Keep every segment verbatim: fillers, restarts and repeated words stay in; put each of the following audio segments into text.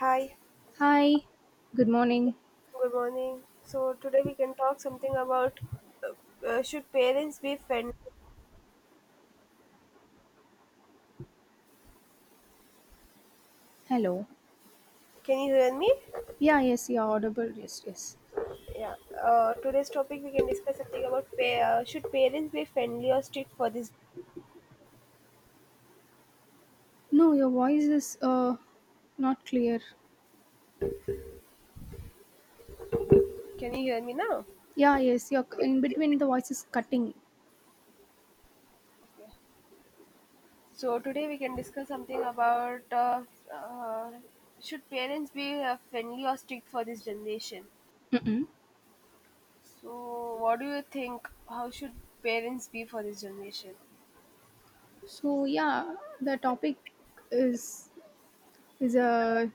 Hi, Hi, good morning. good morning. So today we can talk something about uh, uh, should parents be friends? Hello. Can you hear me? Yeah, yes, you're audible. Yes, yes. Yeah. Uh, today's topic we can discuss something about pa- uh, should parents be friendly or strict for this? No, your voice is uh not clear. Can you hear me now? Yeah, yes, you're in between, the voice is cutting. Okay. So today we can discuss something about uh, uh, should parents be uh, friendly or strict for this generation? Mm-mm. So what do you think? How should parents be for this generation? So, yeah, the topic is is a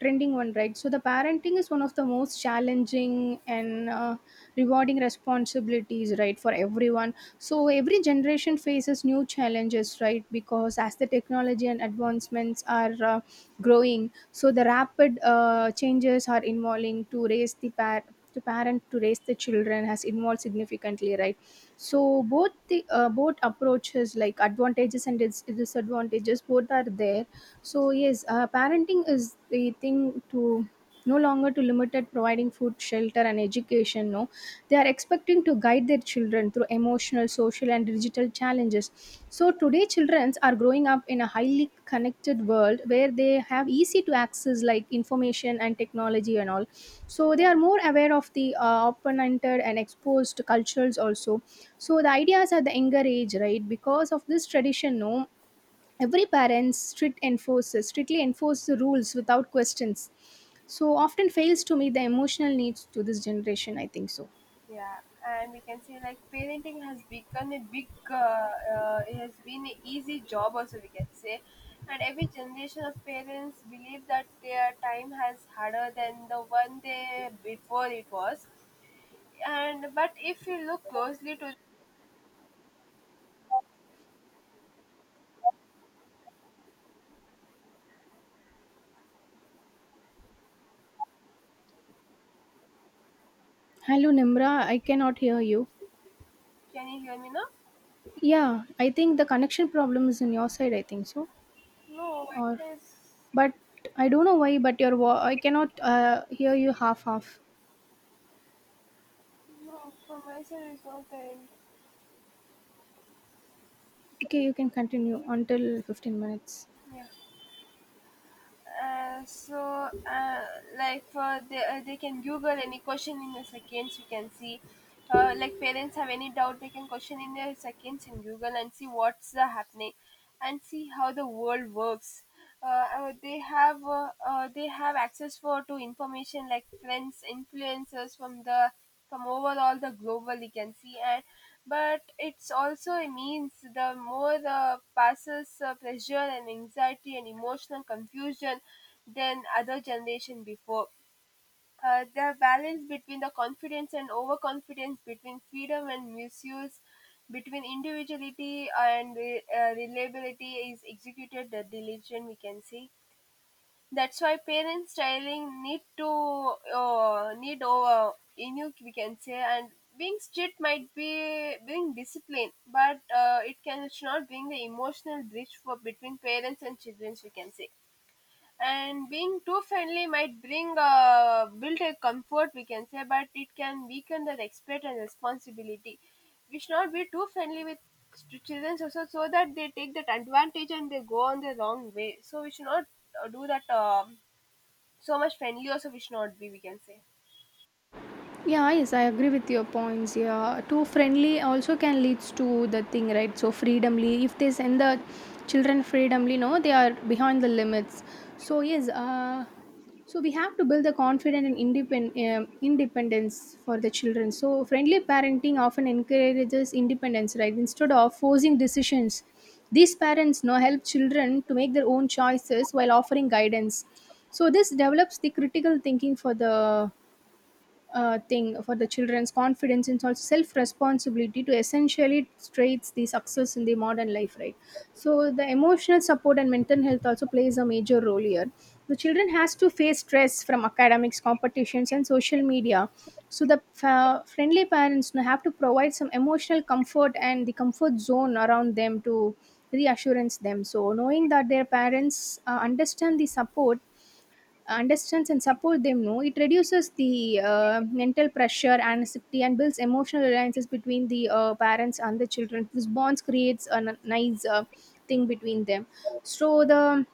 trending one, right? So the parenting is one of the most challenging and uh, rewarding responsibilities, right, for everyone. So every generation faces new challenges, right, because as the technology and advancements are uh, growing, so the rapid uh, changes are involving to raise the par- to parent, to raise the children has involved significantly, right. So both the uh, both approaches like advantages and dis- disadvantages, both are there. So, yes, uh, parenting is the thing to no longer to limited providing food, shelter, and education, no. They are expecting to guide their children through emotional, social, and digital challenges. So today children are growing up in a highly connected world where they have easy to access like information and technology and all. So they are more aware of the uh, open-ended and exposed cultures also. So the ideas at the younger age, right, because of this tradition, no, every parent strict enforces strictly enforce the rules without questions, so often fails to meet the emotional needs to this generation, I think so. Yeah, and we can say like parenting has become a big, uh, uh, it has been an easy job also we can say, and every generation of parents believe that their time has harder than the one they before it was, and but if you look closely to, Hello, Nimra, I cannot hear you. can you hear me now? Yeah, I think the connection problem is on your side, I think so. No, my Or, face. but I don't know why, but your vo- I cannot uh, hear you half half No, from my side it's not there. Okay, you can continue until fifteen minutes. Yeah. Uh, so uh, like for they, uh, they can google any question in the seconds you can see, uh, like parents have any doubt they can question in their seconds in google and see what's the happening and see how the world works. uh, uh, they have uh, uh, they have access for to information like friends influencers from the from overall the global you can see, and but it's also means the more the passes uh, pressure and anxiety and emotional confusion than other generation before. Uh, the balance between the confidence and overconfidence, between freedom and misuse, between individuality and re- uh, reliability is executed the diligent we can see. That's why parents styling need to uh, need over inuk we can say, and being strict might be being discipline, but uh, it can, it should not bring the emotional bridge for between parents and children we can say. And being too friendly might bring uh, build a comfort we can say, but it can weaken the respect and responsibility. We should not be too friendly with st- children also, so that they take that advantage and they go on the wrong way. So we should not uh, do that. Um so much friendly also we should not be we can say. Yeah, yes, I agree with your points. Yeah, too friendly also can leads to the thing, right? So freedomly, if they send the children freedomly, no, they are behind the limits. So, yes, uh, so we have to build the confident and independent um, independence for the children. So friendly parenting often encourages independence, right? Instead of forcing decisions, these parents no help children to make their own choices while offering guidance. So this develops the critical thinking for the uh, thing for the children's confidence and also self responsibility to essentially traits the success in the modern life, right. So the emotional support and mental health also plays a major role here. The children has to face stress from academics, competitions, and social media. So the uh, friendly parents now have to provide some emotional comfort and the comfort zone around them to reassurance them. So knowing that their parents uh, understand the support understands and support them, no, it reduces the uh, mental pressure, anxiety, and builds emotional alliances between the uh, parents and the children. This bonds creates a n- nice uh, thing between them. So the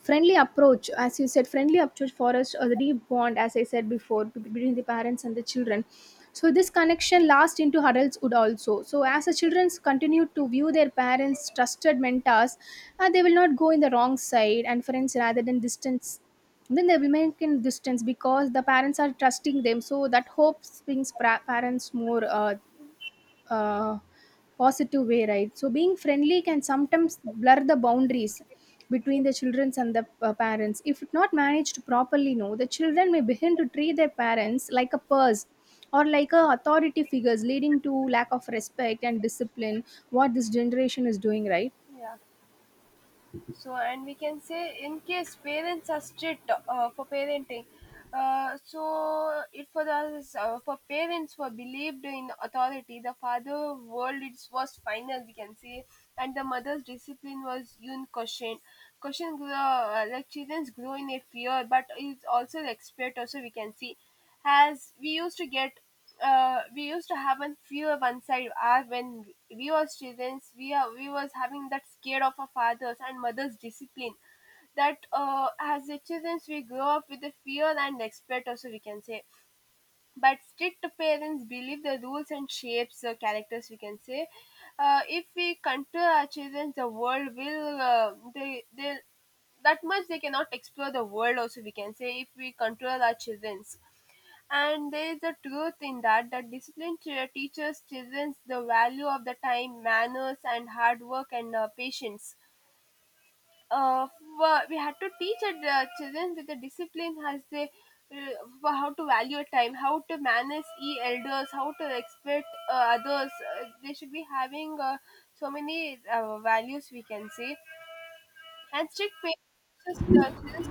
friendly approach, as you said, friendly approach fosters a deep bond, as I said before, b- between the parents and the children. So this connection lasts into adulthood also, so as the children continue to view their parents trusted mentors, uh, they will not go in the wrong side and friends rather than distance. Then they will make in distance because the parents are trusting them, so that hope brings pra- parents more uh, uh, positive way, right. So being friendly can sometimes blur the boundaries between the children and the uh, parents. If it not managed properly, no, the children may begin to treat their parents like a purse or like a authority figures, leading to lack of respect and discipline, what this generation is doing, right. Yeah, so and we can say in case parents are strict uh, for parenting, uh, so it for us, uh, for parents who are believed in authority, the father world it was final we can say, and the mother's discipline was unquestioned. Question grow, uh, like children grow in a fear, but it's also respect also we can see, as we used to get. Uh, we used to have a fear of one side uh, when we were students, we are we was having that scared of our fathers and mothers discipline. That uh, as the children we grow up with the fear and respect also we can say. But strict parents believe the rules and shapes the characters we can say. Uh, if we control our children, the world will uh, they they that much they cannot explore the world also we can say, if we control our childrens. And there is a truth in that. The discipline ch- teaches children the value of the time, manners, and hard work, and uh, patience. Uh, for- we had to teach the uh, children that the discipline has they, uh, for how to value time, how to manage e elders, how to respect uh, others. Uh, they should be having uh, so many uh, values we can say, and strict parents teaches uh, children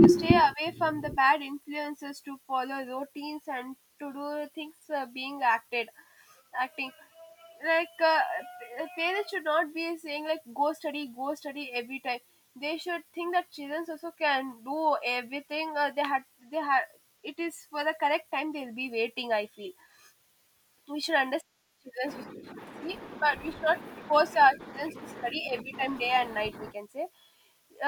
to stay away from the bad influences, to follow routines, and to do things uh, being acted acting like uh, p- parents should not be saying like go study go study every time. They should think that children also can do everything uh, they had, they had it is for the correct time they'll be waiting, I feel. We should understand children also, we should see, but we should not force our children to study every time day and night we can say.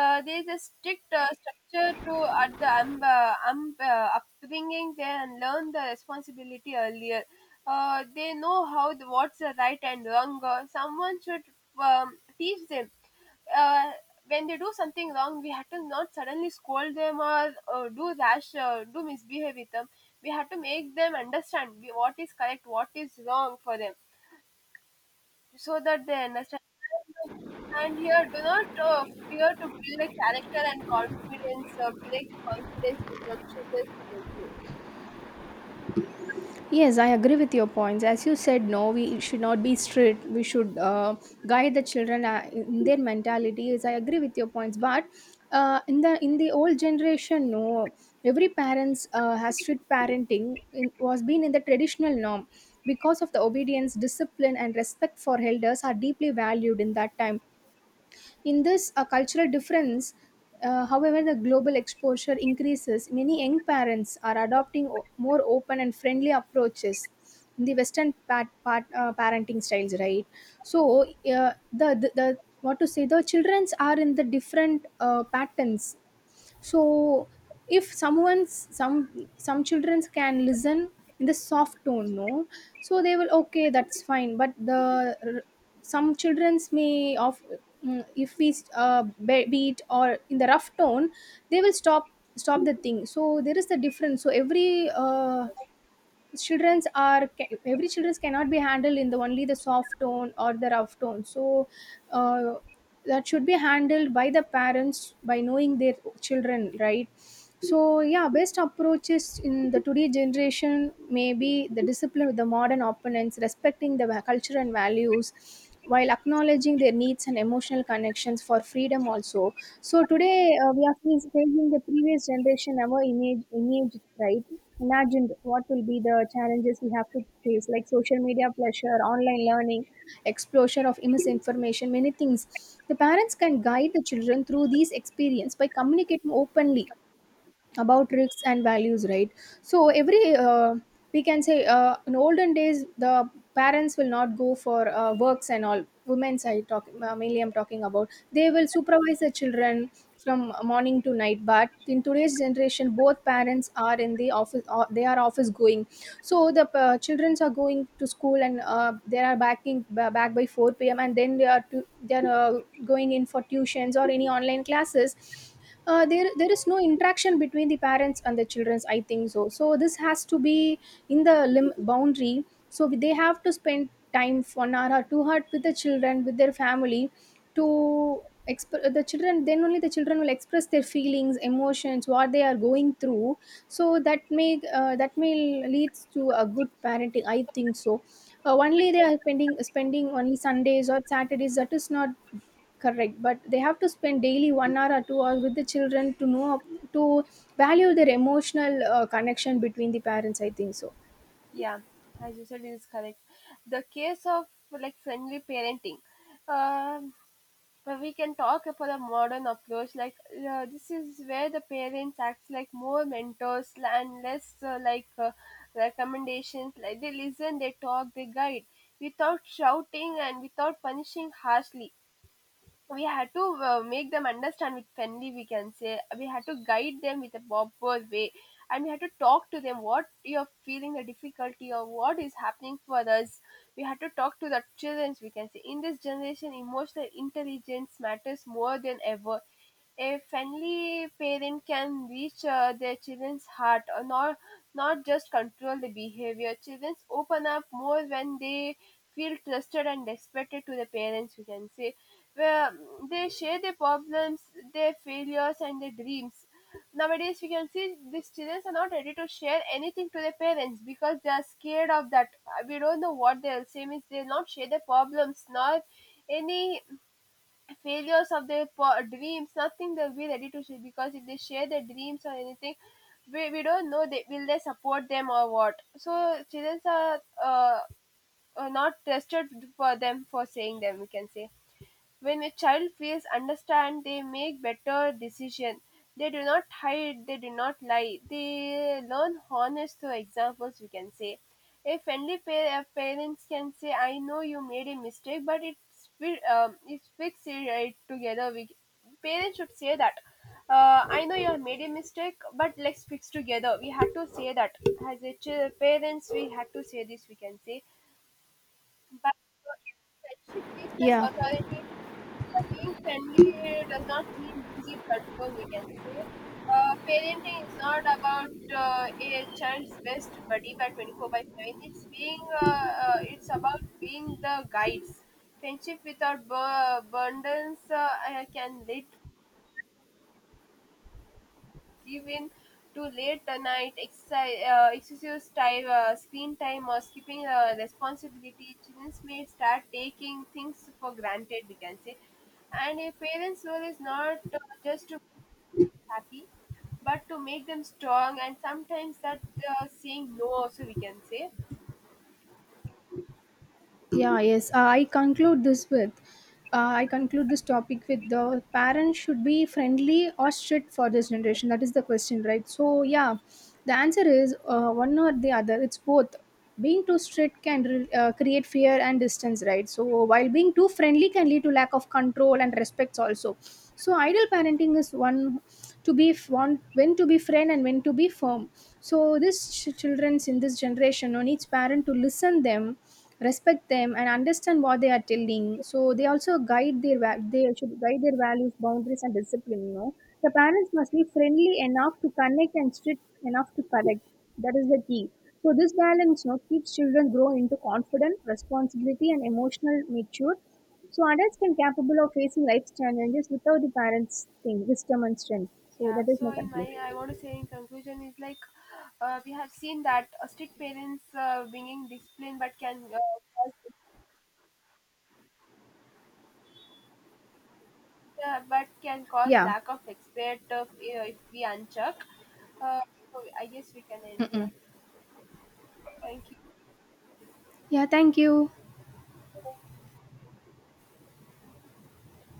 uh, There is a strict uh, structure to at the um, uh, um, uh, upbringing there, and learn the responsibility earlier. Uh, they know how the, what's the right and wrong. Uh, someone should um, teach them. Uh, when they do something wrong, we have to not suddenly scold them or uh, do rash, uh, do misbehave with them. We have to make them understand we- what is correct, what is wrong for them, so that they understand. And here, do not uh, fear to build a character and confidence, uh, break the confidence with the children, you can say. Yes, I agree with your points. As you said, no, we should not be strict. We should uh, guide the children uh, in their mentalities. I agree with your points, but uh, in the in the old generation, no, every parents uh, has strict parenting in, was been in the traditional norm because of the obedience, discipline, and respect for elders are deeply valued in that time, in this uh, cultural difference. Uh, however, the global exposure increases. Many young parents are adopting o- more open and friendly approaches in the Western pat- pat- uh, parenting styles, right? So, uh, the, the the what to say? The childrens are in the different uh, patterns. So, if someone's some some childrens can listen in the soft tone, no, so they will okay, that's fine. But the r- some childrens may of mm, if we uh, be- beat or in the rough tone, they will stop stop the thing. So there is the difference. So every uh, children's are ca- every children's cannot be handled in the only the soft tone or the rough tone. So uh, that should be handled by the parents by knowing their children, right. So, yeah, best approaches in the today generation may be the discipline with the modern opponents, respecting the va- culture and values, while acknowledging their needs and emotional connections for freedom also. So today uh, we are facing the previous generation, our image image, right. Imagined what will be the challenges we have to face like social media pressure, online learning, explosion of misinformation, many things. The parents can guide the children through these experience by communicating openly about risks and values, right. So every uh, we can say, uh, in olden days, the parents will not go for uh, works and all women's, i talk uh, mainly I'm talking about, they will supervise the children from morning to night. But in today's generation, both parents are in the office or they are office going. So the uh, children are going to school and uh, they are backing ba- back by four p m. And then they are to, they are uh, going in for tuitions or any online classes. Uh, there there is no interaction between the parents and the children, I think so. So this has to be in the lim- boundary. So they have to spend time for an hour or two hours with the children with their family to exp- the children then only the children will express their feelings, emotions, what they are going through. So that may uh, that may leads to a good parenting, I think so. Uh, only they are spending spending only Sundays or Saturdays, that is not correct. But they have to spend daily one hour or two hours with the children to know to value their emotional uh, connection between the parents, I think so. Yeah, as you said, it is correct. The case of like friendly parenting, um, but we can talk about a modern approach. Like uh, this is where the parents act like more mentors and less uh, like uh, recommendations. Like they listen, they talk, they guide without shouting and without punishing harshly. We had to uh, make them understand with friendly we can say, we had to guide them with a proper way, and we had to talk to them what you're feeling the difficulty or what is happening for us. We had to talk to the children we can say. In this generation emotional intelligence matters more than ever. A friendly parent can reach uh, their children's heart or not, not just control the behavior. Children open up more when they feel trusted and respected to the parents we can say, where they share their problems, their failures, and their dreams. Nowadays, we can see these children are not ready to share anything to their parents because they are scared of that. Uh, We don't know what they'll say, means they'll not share their problems, not any failures of their po- dreams, nothing they'll be ready to share, because if they share their dreams or anything, we, we don't know they will they support them or what. So, children are uh, uh, not trusted for them for saying them, we can say. When a child feels understand, they make better decisions. They do not hide, they do not lie. They learn honest through examples, we can say. A friendly pa- uh, parents can say, I know you made a mistake, but it's, fi- um, it's fixed it right together. We, parents should say that. Uh, I know you have made a mistake, but let's fix together. We have to say that. As a ch- parents, we had to say this, we can say. But uh, if friendship weakness Yeah. authority, uh, being friendly does not mean losing control, we can say. Uh, parenting is not about uh, a child's best buddy by twenty-four by seven. It's being, uh, uh, it's about being the guides. Friendship without bu- abundance uh, uh, can lead given to late night exercise, uh, excessive time, uh, screen time, or skipping uh, responsibility, children may start taking things for granted, we can say. And a parent's role is not uh, just to be happy, but to make them strong, and sometimes that uh, saying no also, we can say. Yeah, yes, uh, i conclude this with uh, I conclude this topic with the parents should be friendly or strict for this generation, that is the question, right? So, yeah, the answer is uh, one or the other. It's both. Being too strict can re- uh, create fear and distance, right? So while being too friendly can lead to lack of control and respects also. So ideal parenting is one to be f- one, when to be friend and when to be firm. So this ch- childrens in this generation on each parent to listen them, respect them, and understand what they are telling. So they also guide their va- they should guide their values, boundaries, and discipline. You know the parents must be friendly enough to connect and strict enough to correct. That is the key. So this balance, you know, keeps children grow into confident, responsibility and emotional mature. So adults can capable of facing life's challenges without the parents' thing, wisdom and strength. So Yeah, that is so my in my, conclusion. I want to say in conclusion is like uh, we have seen that uh, strict parents uh, bringing discipline but can uh, cause, yeah, but can cause Yeah. lack of expert of, you if we uncheck. Uh, so I guess we can end here. Mm-mm. Thank you. Yeah, thank you.